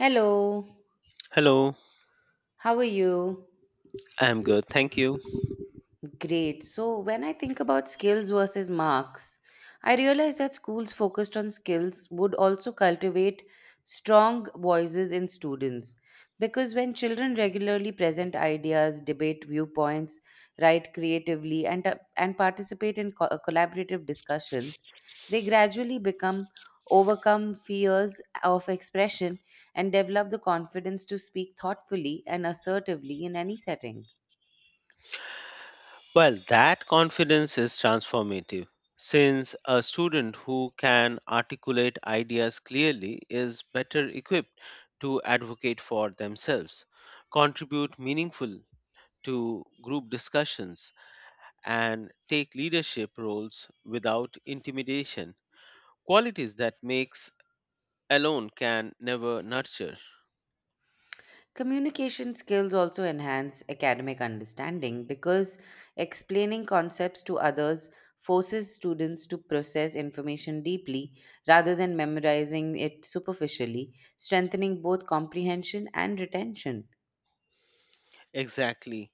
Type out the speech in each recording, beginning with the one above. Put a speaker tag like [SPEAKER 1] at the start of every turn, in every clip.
[SPEAKER 1] Hello,
[SPEAKER 2] Hello,
[SPEAKER 1] how are you?
[SPEAKER 2] I'm good, thank you.
[SPEAKER 1] Great. So, when I think about skills versus marks, I realize that schools focused on skills would also cultivate strong voices in students. Because when children regularly present ideas, debate viewpoints, write creatively, and participate in collaborative discussions, they gradually become overcome fears of expression and develop the confidence to speak thoughtfully and assertively in any setting.
[SPEAKER 2] Well, that confidence is transformative since a student who can articulate ideas clearly is better equipped to advocate for themselves, contribute meaningful to group discussions, and take leadership roles without intimidation, qualities that makes alone can never nurture.
[SPEAKER 1] Communication skills also enhance academic understanding because explaining concepts to others forces students to process information deeply rather than memorizing it superficially, strengthening both comprehension and retention.
[SPEAKER 2] Exactly.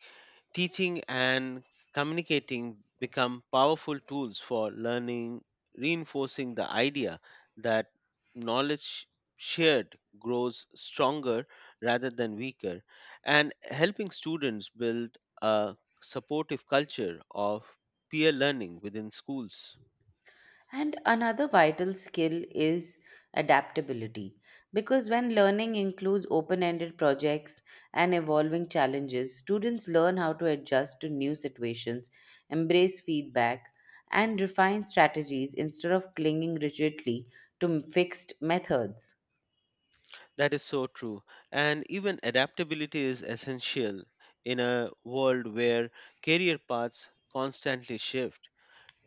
[SPEAKER 2] Teaching and communicating become powerful tools for learning, reinforcing the idea that knowledge shared grows stronger rather than weaker, and helping students build a supportive culture of peer learning within schools.
[SPEAKER 1] And another vital skill is adaptability. Because when learning includes open ended projects and evolving challenges, students learn how to adjust to new situations, embrace feedback, and refine strategies instead of clinging rigidly to fixed methods.
[SPEAKER 2] That is so true. And even adaptability is essential in a world where career paths constantly shift.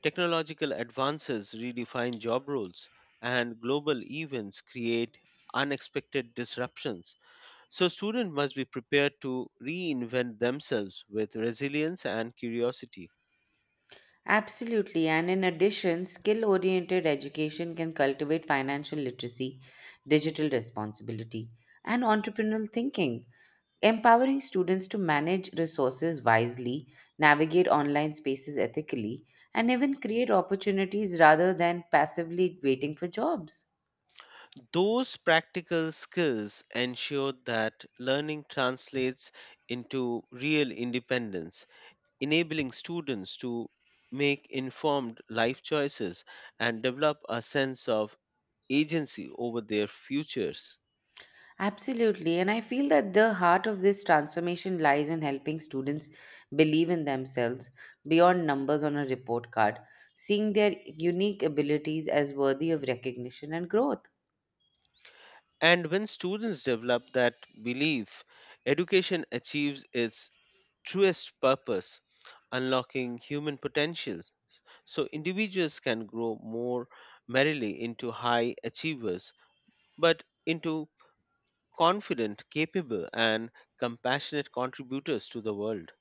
[SPEAKER 2] Technological advances redefine job roles, and global events create unexpected disruptions. So, students must be prepared to reinvent themselves with resilience and curiosity.
[SPEAKER 1] Absolutely, and in addition, skill oriented education can cultivate financial literacy, digital responsibility, and entrepreneurial thinking, empowering students to manage resources wisely, navigate online spaces ethically, and even create opportunities rather than passively waiting for jobs.
[SPEAKER 2] Those practical skills ensure that learning translates into real independence, enabling students to make informed life choices and develop a sense of agency over their futures.
[SPEAKER 1] Absolutely. And I feel that the heart of this transformation lies in helping students believe in themselves beyond numbers on a report card, seeing their unique abilities as worthy of recognition and growth.
[SPEAKER 2] And when students develop that belief, education achieves its truest purpose, unlocking human potential. So individuals can grow more merrily into high achievers, but into confident, capable, and compassionate contributors to the world.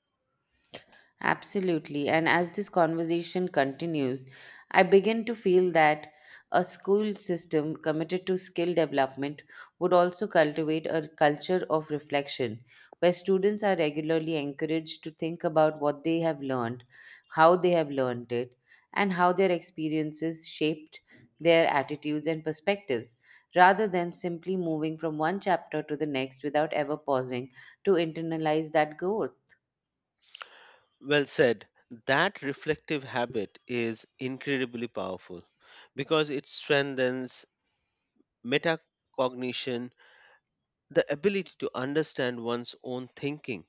[SPEAKER 1] Absolutely. And as this conversation continues, I begin to feel that a school system committed to skill development would also cultivate a culture of reflection where students are regularly encouraged to think about what they have learned, how they have learned it, and how their experiences shaped their attitudes and perspectives, rather than simply moving from one chapter to the next without ever pausing to internalize that growth.
[SPEAKER 2] Well said. That reflective habit is incredibly powerful because it strengthens metacognition, the ability to understand one's own thinking,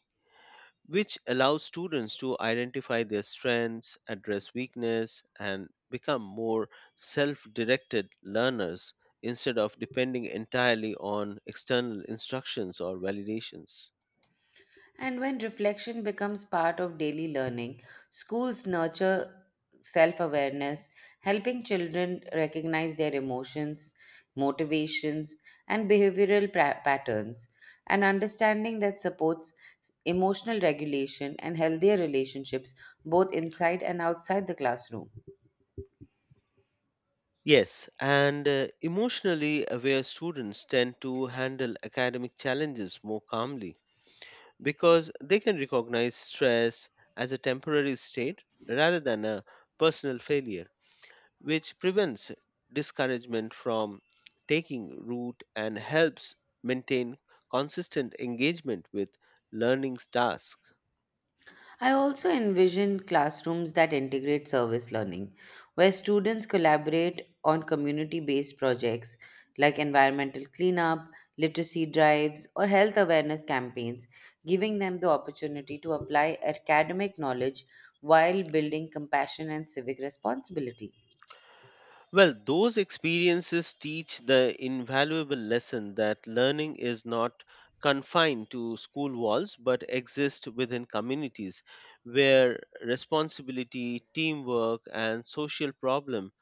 [SPEAKER 2] which allows students to identify their strengths, address weakness, and become more self directed learners instead of depending entirely on external instructions or validations.
[SPEAKER 1] And when reflection becomes part of daily learning, schools nurture self awareness, helping children recognize their emotions, motivations, and behavioral patterns, an understanding that supports emotional regulation and healthier relationships both inside and outside the classroom.
[SPEAKER 2] Yes, and emotionally aware students tend to handle academic challenges more calmly because they can recognize stress as a temporary state rather than a personal failure, which prevents discouragement from taking root and helps maintain consistent engagement with learning tasks.
[SPEAKER 1] I also envision classrooms that integrate service learning, where students collaborate on community based projects like environmental cleanup, literacy drives, or health awareness campaigns, giving them the opportunity to apply academic knowledge while building compassion and civic responsibility.
[SPEAKER 2] Well, those experiences teach the invaluable lesson that learning is not confined to school walls but exists within communities where responsibility, teamwork, and social problem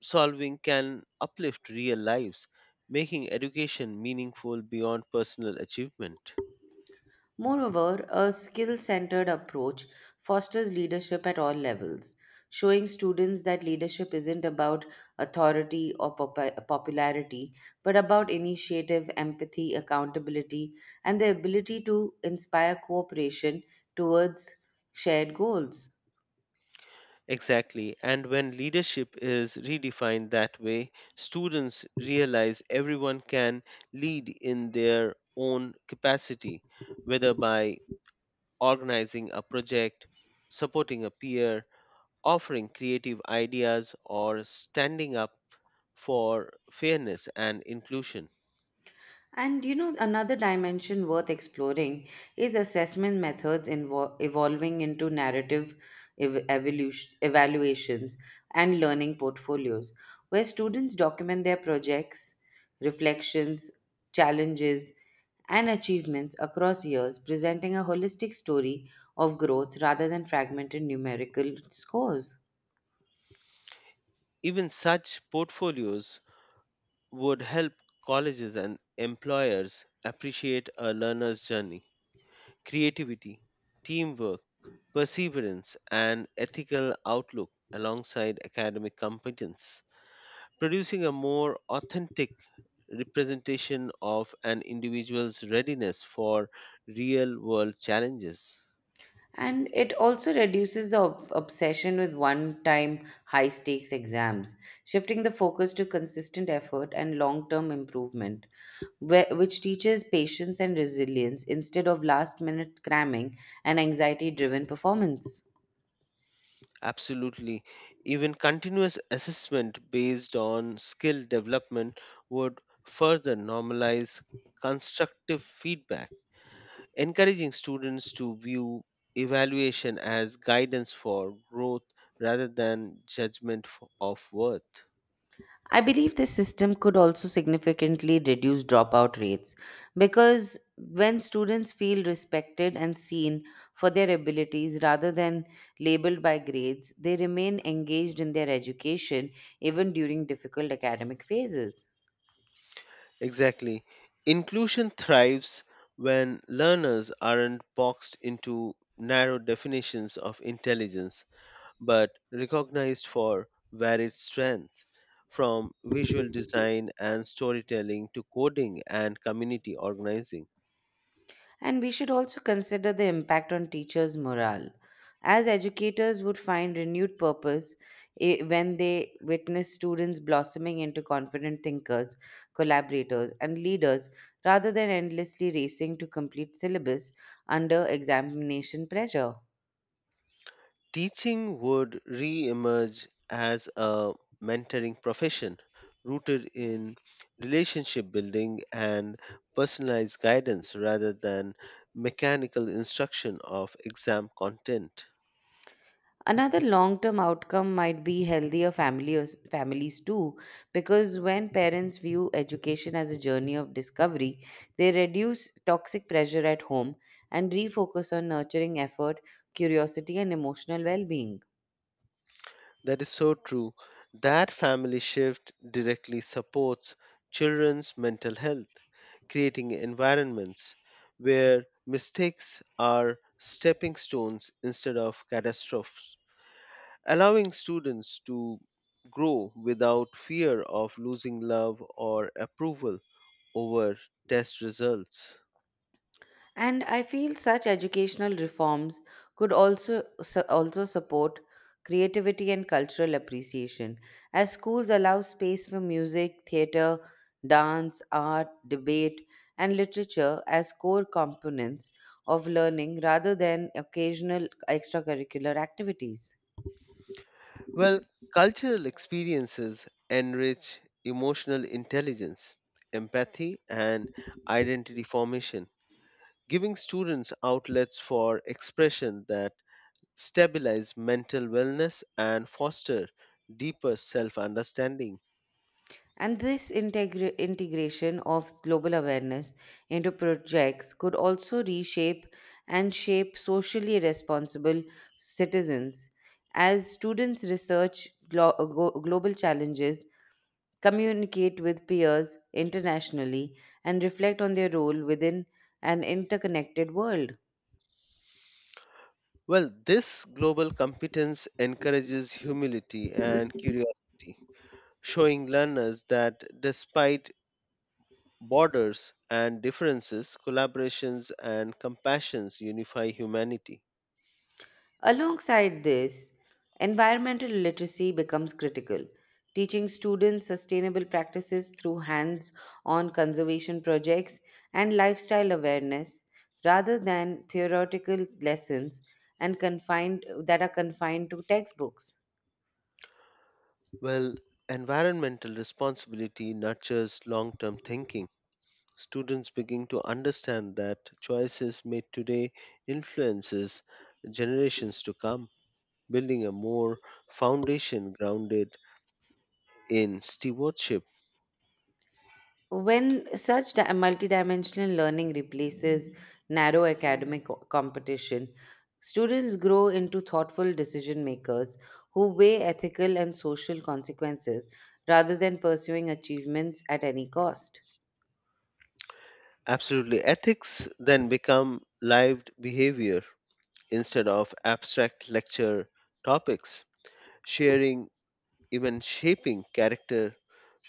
[SPEAKER 2] solving can uplift real lives, making education meaningful beyond personal achievement.
[SPEAKER 1] Moreover, a skill centered approach fosters leadership at all levels, showing students that leadership isn't about authority or popularity, but about initiative, empathy, accountability, and the ability to inspire cooperation towards shared goals.
[SPEAKER 2] Exactly. And when leadership is redefined that way, students realize everyone can lead in their own capacity, whether by organizing a project, supporting a peer, offering creative ideas, or standing up for fairness and inclusion.
[SPEAKER 1] And you know, another dimension worth exploring is assessment methods evolving into narrative evaluations and learning portfolios, where students document their projects, reflections, challenges, and achievements across years, presenting a holistic story of growth rather than fragmented numerical scores.
[SPEAKER 2] Even such portfolios would help colleges and employers appreciate a learner's journey, creativity, teamwork, perseverance, and ethical outlook alongside academic competence, producing a more authentic representation of an individual's readiness for real world challenges.
[SPEAKER 1] And it also reduces the obsession with one time high stakes exams, shifting the focus to consistent effort and long term improvement, which teaches patience and resilience instead of last minute cramming and anxiety driven performance.
[SPEAKER 2] Absolutely. Even continuous assessment based on skill development would further normalize constructive feedback, encouraging students to view evaluation as guidance for growth rather than judgment of worth.
[SPEAKER 1] I believe this system could also significantly reduce dropout rates because when students feel respected and seen for their abilities rather than labeled by grades, they remain engaged in their education even during difficult academic phases.
[SPEAKER 2] Exactly. Inclusion thrives when learners aren't boxed into narrow definitions of intelligence, but recognized for varied strength, from visual design and storytelling to coding and community organizing.
[SPEAKER 1] And we should also consider the impact on teachers' morale, as educators would find renewed purpose when they witness students blossoming into confident thinkers, collaborators, and leaders rather than endlessly racing to complete syllabus under examination pressure.
[SPEAKER 2] Teaching would re emerge as a mentoring profession rooted in relationship building and personalized guidance rather than mechanical instruction of exam content.
[SPEAKER 1] Another long term outcome might be healthier families too, because when parents view education as a journey of discovery, they reduce toxic pressure at home and refocus on nurturing effort, curiosity, and emotional well being.
[SPEAKER 2] That is so true. That family shift directly supports children's mental health, creating environments where mistakes are stepping stones instead of catastrophes, allowing students to grow without fear of losing love or approval over test results.
[SPEAKER 1] And I feel such educational reforms could also support creativity and cultural appreciation, as schools allow space for music, theater, dance, art, debate, and literature as core components of learning rather than occasional extracurricular activities.
[SPEAKER 2] Well, cultural experiences enrich emotional intelligence, empathy, and identity formation, giving students outlets for expression that stabilize mental wellness and foster deeper self understanding.
[SPEAKER 1] And this integration of global awareness into projects could also reshape and shape socially responsible citizens. As students research global challenges, communicate with peers internationally, and reflect on their role within an interconnected world.
[SPEAKER 2] Well, this global competence encourages humility and curiosity, showing learners that despite borders and differences, collaborations and compassions unify humanity.
[SPEAKER 1] Alongside this, environmental literacy becomes critical. Teaching students sustainable practices through hands on conservation projects and lifestyle awareness rather than theoretical lessons and confined that are confined to textbooks.
[SPEAKER 2] Well, environmental responsibility nurtures long term thinking. Students begin to understand that choices made today influences generations to come, building a more foundation grounded in stewardship.
[SPEAKER 1] When such multidimensional learning replaces narrow academic competition, students grow into thoughtful decision makers who weigh ethical and social consequences rather than pursuing achievements at any cost.
[SPEAKER 2] Absolutely. Ethics then become lived behavior instead of abstract lecture topics, sharing, even shaping character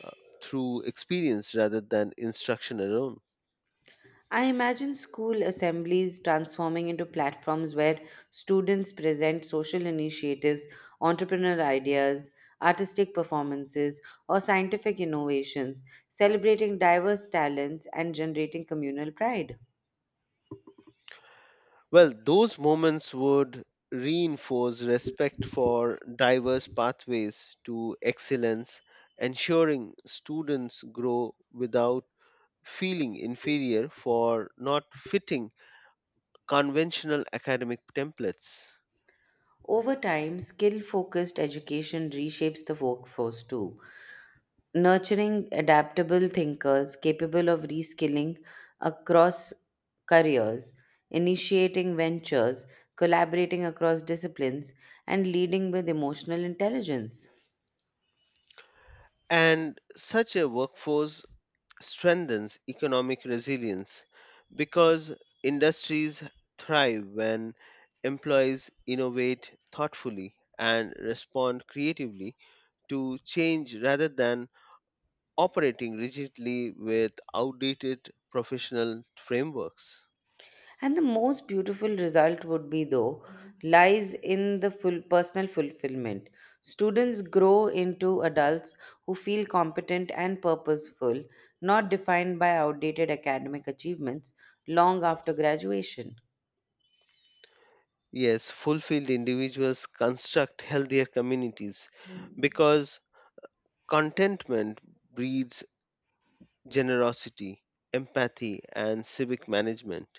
[SPEAKER 2] uh, through experience rather than instruction alone.
[SPEAKER 1] I imagine school assemblies transforming into platforms where students present social initiatives, entrepreneur ideas, artistic performances, or scientific innovations, celebrating diverse talents and generating communal pride.
[SPEAKER 2] Well, those moments would reinforce respect for diverse pathways to excellence, ensuring students grow without feeling inferior for not fitting conventional academic templates.
[SPEAKER 1] Over time, skill focused education reshapes the workforce too, nurturing adaptable thinkers capable of reskilling across careers, initiating ventures, collaborating across disciplines, and leading with emotional intelligence.
[SPEAKER 2] And such a workforce strengthens economic resilience because industries thrive when employees innovate thoughtfully and respond creatively to change rather than operating rigidly with outdated professional frameworks.
[SPEAKER 1] And the most beautiful result would be, though, lies in the full personal fulfillment. Students grow into adults who feel competent and purposeful, not defined by outdated academic achievements long after graduation.
[SPEAKER 2] Yes, fulfilled individuals construct healthier communities because contentment breeds generosity, empathy, and civic management.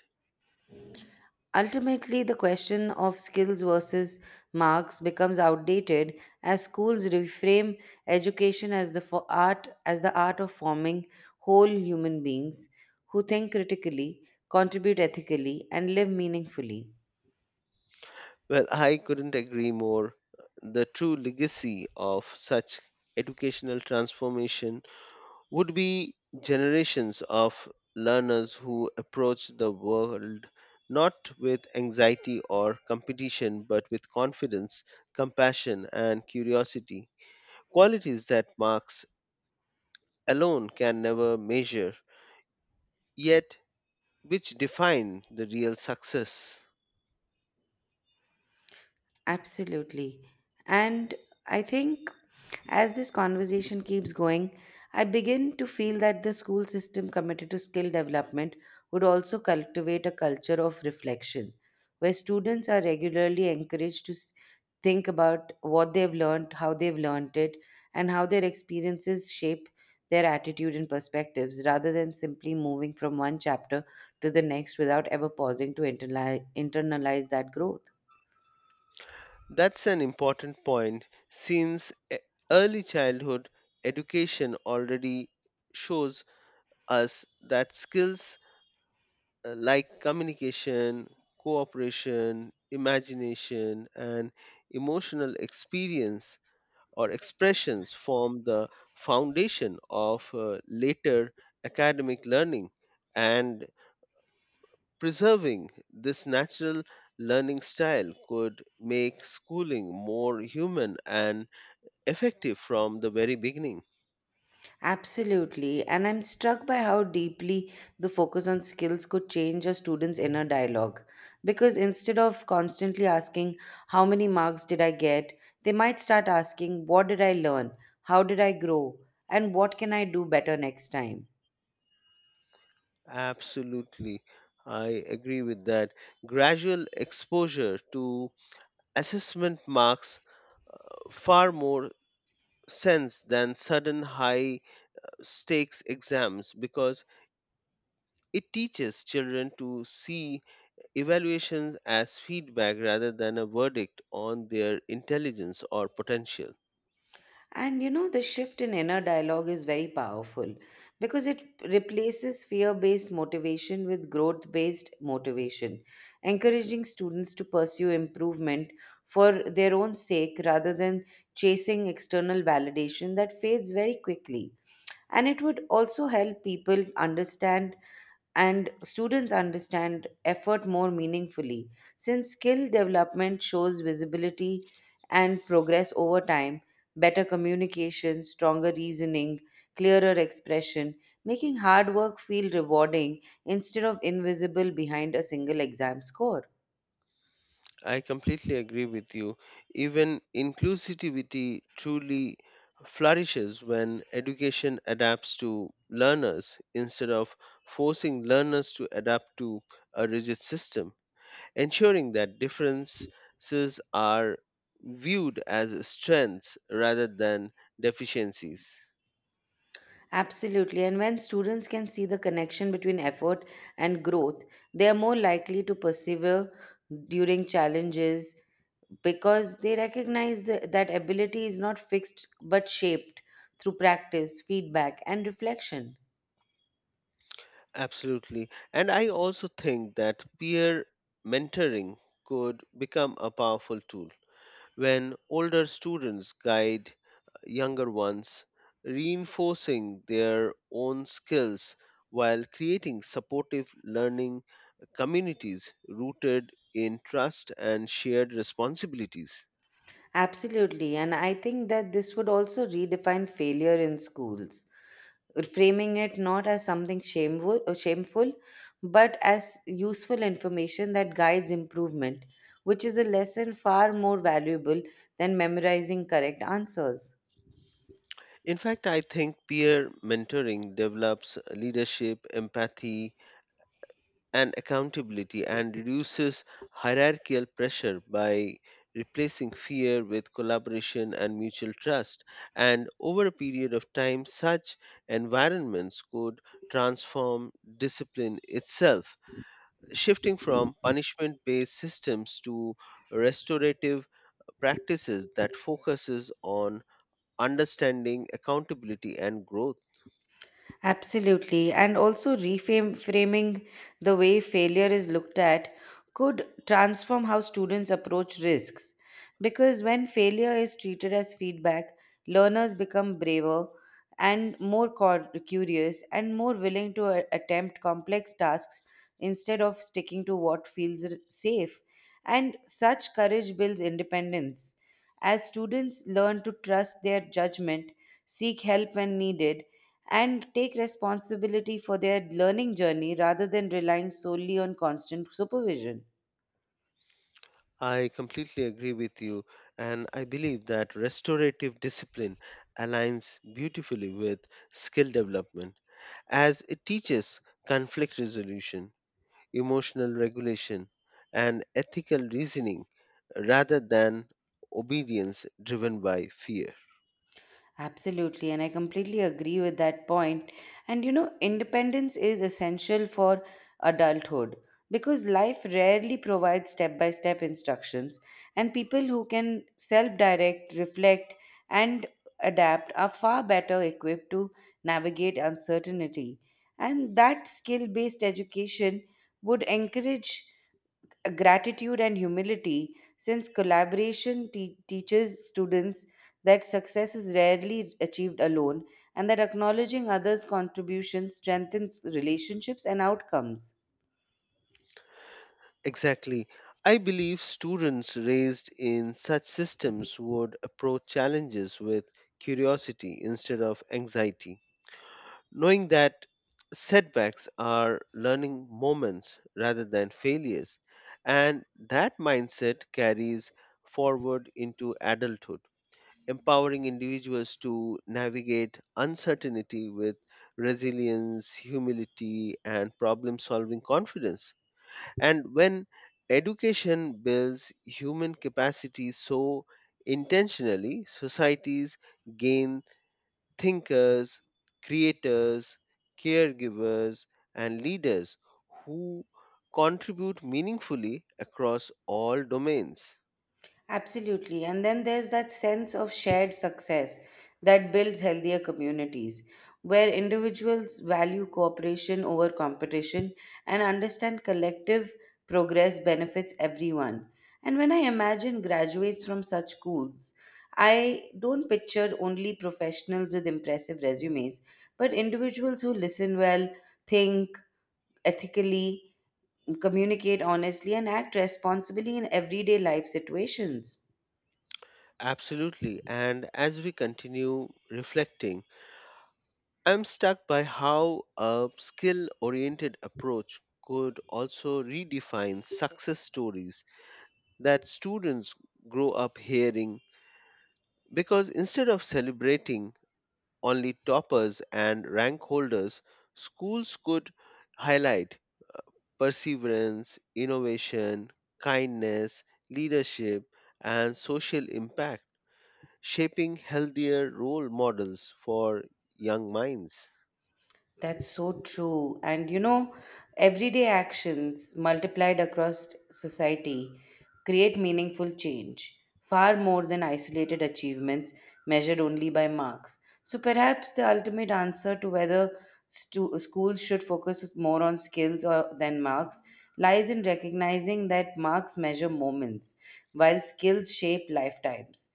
[SPEAKER 1] Ultimately, the question of skills versus marks becomes outdated as schools reframe education as the for art as the art of forming whole human beings who think critically, contribute ethically, and live meaningfully.
[SPEAKER 2] Well, I couldn't agree more. The true legacy of such educational transformation would be generations of learners who approach the world not with anxiety or competition but with confidence, compassion, and curiosity. Qualities that marks alone can never measure, yet which define the real success.
[SPEAKER 1] Absolutely. And I think as this conversation keeps going, I begin to feel that the school system committed to skill development would also cultivate a culture of reflection, where students are regularly encouraged to think about what they've learned, how they've learned it, and how their experiences shape their attitude and perspectives, rather than simply moving from one chapter to the next without ever pausing to internalize that growth.
[SPEAKER 2] That's an important point since early childhood education already shows us that skills like communication, cooperation, imagination, and emotional experience or expressions form the foundation of later academic learning, and preserving this natural learning style could make schooling more human and effective from the very beginning.
[SPEAKER 1] Absolutely. And I'm struck by how deeply the focus on skills could change a student's inner dialogue. Because instead of constantly asking, "How many marks did I get?" they might start asking, "What did I learn? How did I grow? And what can I do better next time?"
[SPEAKER 2] Absolutely. I agree with that. Gradual exposure to assessment marks far more sense than sudden high stakes exams because it teaches children to see evaluations as feedback rather than a verdict on their intelligence or potential.
[SPEAKER 1] And you know, the shift in inner dialogue is very powerful because it replaces fear based motivation with growth based motivation, encouraging students to pursue improvement for their own sake rather than chasing external validation that fades very quickly. And it would also help people understand and students understand effort more meaningfully. Since skill development shows visibility and progress over time, better communication, stronger reasoning, clearer expression, making hard work feel rewarding instead of invisible behind a single exam score.
[SPEAKER 2] I completely agree with you. Even inclusivity truly flourishes when education adapts to learners instead of forcing learners to adapt to a rigid system, ensuring that differences are viewed as strengths rather than deficiencies.
[SPEAKER 1] Absolutely. And when students can see the connection between effort and growth, they are more likely to persevere during challenges because they recognize that ability is not fixed but shaped through practice, feedback, and reflection.
[SPEAKER 2] Absolutely. And I also think that peer mentoring could become a powerful tool when older students guide younger ones, reinforcing their own skills while creating supportive learning communities rooted in trust and shared responsibilities.
[SPEAKER 1] Absolutely, and I think that this would also redefine failure in schools, framing it not as something shameful but as useful information that guides improvement, which is a lesson far more valuable than memorizing correct answers.
[SPEAKER 2] In fact, I think peer mentoring develops leadership, empathy, and accountability and reduces hierarchical pressure by replacing fear with collaboration and mutual trust. And over a period of time, such environments could transform discipline itself, shifting from punishment based systems to restorative practices that focuses on understanding accountability and growth.
[SPEAKER 1] Absolutely. And also reframe framing the way failure is looked at could transform how students approach risks. Because when failure is treated as feedback, learners become braver and more curious and more willing to attempt complex tasks instead of sticking to what feels safe. And such courage builds independence. As students learn to trust their judgment, seek help when needed, and take responsibility for their learning journey rather than relying solely on constant supervision.
[SPEAKER 2] I completely agree with you, and I believe that restorative discipline aligns beautifully with skill development as it teaches conflict resolution, emotional regulation, and ethical reasoning rather than obedience driven by fear.
[SPEAKER 1] Absolutely, and I completely agree with that point. And you know, independence is essential for adulthood because life rarely provides step by step instructions, and people who can self direct, reflect, and adapt are far better equipped to navigate uncertainty. And that skill based education would encourage gratitude and humility since collaboration teaches students that success is rarely achieved alone and that acknowledging others contributions strengthens relationships and outcomes.
[SPEAKER 2] Exactly. I believe students raised in such systems would approach challenges with curiosity instead of anxiety, knowing that setbacks are learning moments rather than failures, and that mindset carries forward into adulthood, empowering individuals to navigate uncertainty with resilience, humility, and problem solving confidence. And when education builds human capacity so intentionally, societies gain thinkers, creators, caregivers, and leaders who contribute meaningfully across all domains.
[SPEAKER 1] Absolutely. And then there's that sense of shared success that builds healthier communities, where individuals value cooperation over competition and understand collective progress benefits everyone. And when I imagine graduates from such schools, I don't picture only professionals with impressive resumes, but individuals who listen well, think ethically, communicate honestly, and act responsibly in everyday life situations.
[SPEAKER 2] Absolutely. And as we continue reflecting, I'm stuck by how a skill oriented approach could also redefine success stories that students grow up hearing, because instead of celebrating only toppers and rank holders, schools could highlight perseverance, innovation, kindness, leadership, and social impact, shaping healthier role models for young minds.
[SPEAKER 1] That's so true. And you know, everyday actions multiplied across society create meaningful change, far more than isolated achievements measured only by marks. So perhaps the ultimate answer to whether schools should focus more on skills or, than marks lies in recognizing that marks measure moments, while skills shape lifetimes.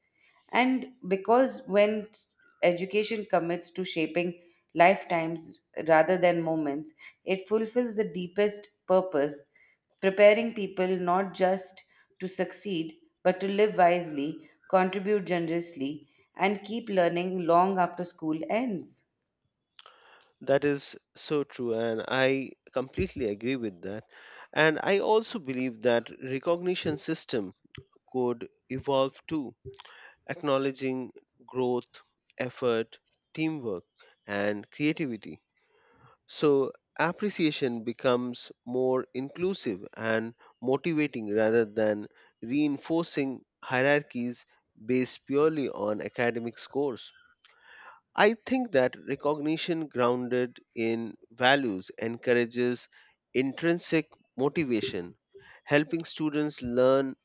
[SPEAKER 1] And because when education commits to shaping lifetimes rather than moments, it fulfills the deepest purpose, preparing people not just to succeed, but to live wisely, contribute generously, and keep learning long after school ends.
[SPEAKER 2] That is so true, and I completely agree with that. And I also believe that recognition system could evolve too, acknowledging growth, effort, teamwork, and creativity. So, appreciation becomes more inclusive and motivating rather than reinforcing hierarchies based purely on academic scores. I think that recognition grounded in values encourages intrinsic motivation, helping students learn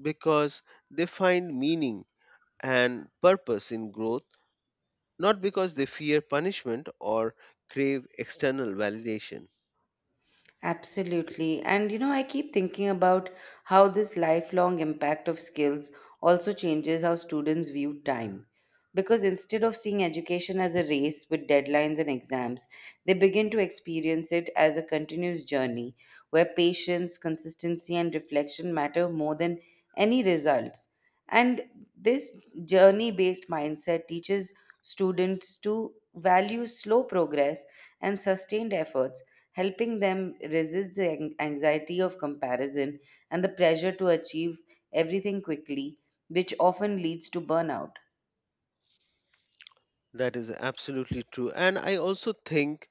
[SPEAKER 2] because they find meaning and purpose in growth, not because they fear punishment or crave external validation.
[SPEAKER 1] Absolutely. And you know, I keep thinking about how this lifelong impact of skills also changes how students view time. Because instead of seeing education as a race with deadlines and exams, they begin to experience it as a continuous journey where patience, consistency, and reflection matter more than any results. And this journey based mindset teaches students to value slow progress and sustained efforts, helping them resist the anxiety of comparison and the pressure to achieve everything quickly, which often leads to burnout.
[SPEAKER 2] That is absolutely true. And I also think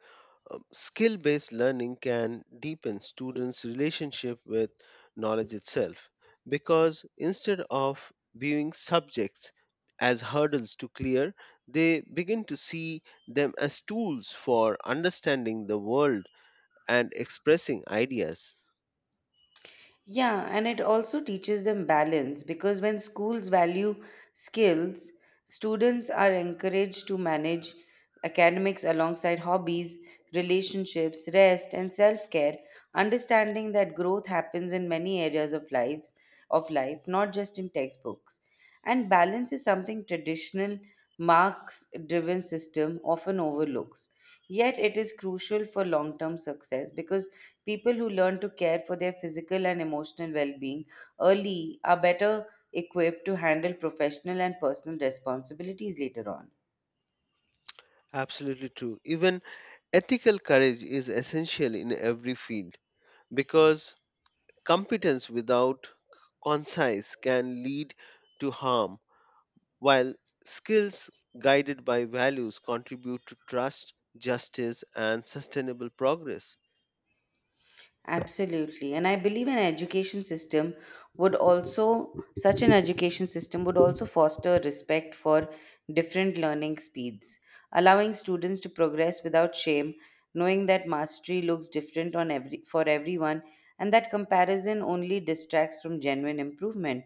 [SPEAKER 2] skill based learning can deepen students' relationship with knowledge itself, because instead of viewing subjects as hurdles to clear, they begin to see them as tools for understanding the world and expressing ideas.
[SPEAKER 1] Yeah, and it also teaches them balance because when schools value skills, students are encouraged to manage academics alongside hobbies, relationships, rest, and self-care, understanding that growth happens in many areas of lives of life, not just in textbooks. And balance is something traditional marks driven system often overlooks. Yet, it is crucial for long term success because people who learn to care for their physical and emotional well being early are better equipped to handle professional and personal responsibilities later on.
[SPEAKER 2] Absolutely true. Even ethical courage is essential in every field because competence without conscience can lead to harm, while skills guided by values contribute to trust, justice, and sustainable progress.
[SPEAKER 1] Absolutely. And I believe an education system would also, such an education system would also foster respect for different learning speeds, allowing students to progress without shame, knowing that mastery looks different for everyone and that comparison only distracts from genuine improvement.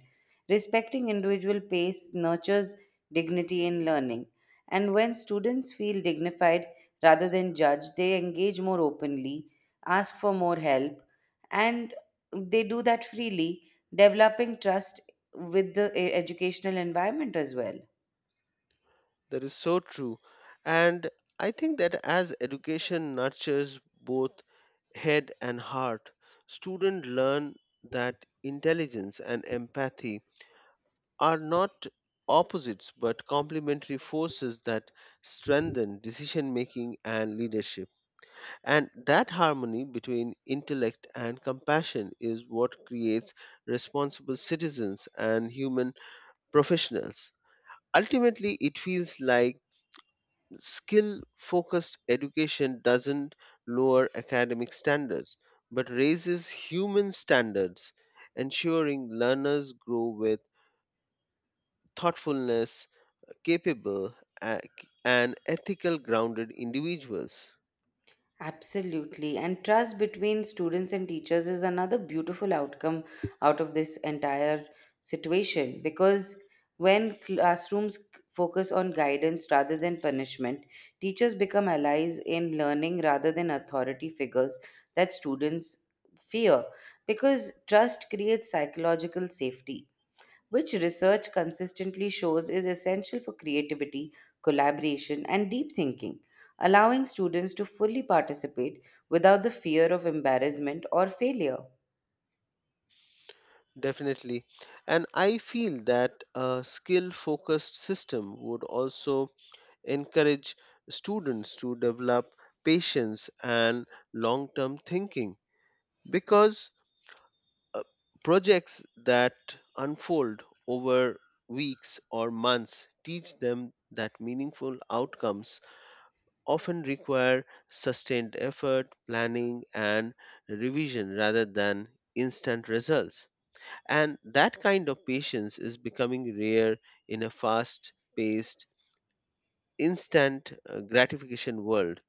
[SPEAKER 1] Respecting individual pace nurtures dignity in learning, and when students feel dignified rather than judged, they engage more openly, ask for more help, and they do that freely, developing trust with the educational environment as well.
[SPEAKER 2] That is so true. And I think that as education nurtures both head and heart, students learn that intelligence and empathy are not opposites but complementary forces that strengthen decision making and leadership. And that harmony between intellect and compassion is what creates responsible citizens and human professionals. Ultimately, it feels like skill focused education doesn't lower academic standards but raises human standards, ensuring learners grow with thoughtfulness, capable a- and ethical grounded individuals.
[SPEAKER 1] Absolutely. And trust between students and teachers is another beautiful outcome out of this entire situation because when classrooms focus on guidance rather than punishment, teachers become allies in learning rather than authority figures that students fear, because trust creates psychological safety, which research consistently shows is essential for creativity, collaboration, and deep thinking, allowing students to fully participate without the fear of embarrassment or failure.
[SPEAKER 2] Definitely. And I feel that a skill focused system would also encourage students to develop patience and long term thinking because uh, projects that unfold over weeks or months teach them that meaningful outcomes often require sustained effort, planning, and revision rather than instant results. And that kind of patience is becoming rare in a fast paced, instant gratification world.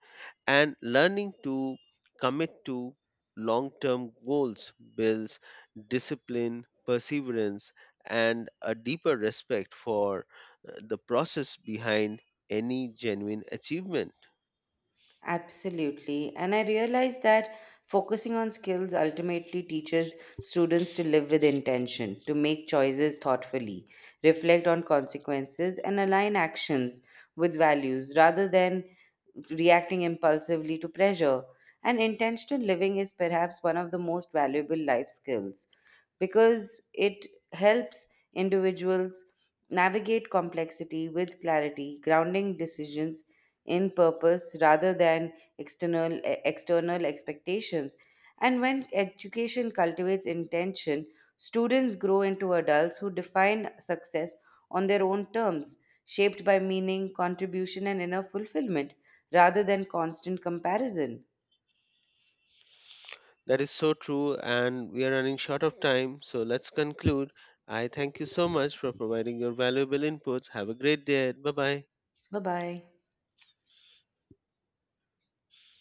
[SPEAKER 2] And learning to commit to long term goals builds discipline, perseverance, and a deeper respect for the process behind any genuine achievement.
[SPEAKER 1] Absolutely. And I realize that focusing on skills ultimately teaches students to live with intention, to make choices thoughtfully, reflect on consequences, and align actions with values rather than reacting impulsively to pressure. And intentional living is perhaps one of the most valuable life skills because it helps individuals navigate complexity with clarity, grounding decisions in purpose rather than external expectations. And when education cultivates intention, students grow into adults who define success on their own terms, shaped by meaning, contribution, and inner fulfillment rather than constant comparison.
[SPEAKER 2] That is so true, and we are running short of time, so let's conclude. I thank you so much for providing your valuable inputs. Have a great day. Bye bye.
[SPEAKER 1] Bye bye.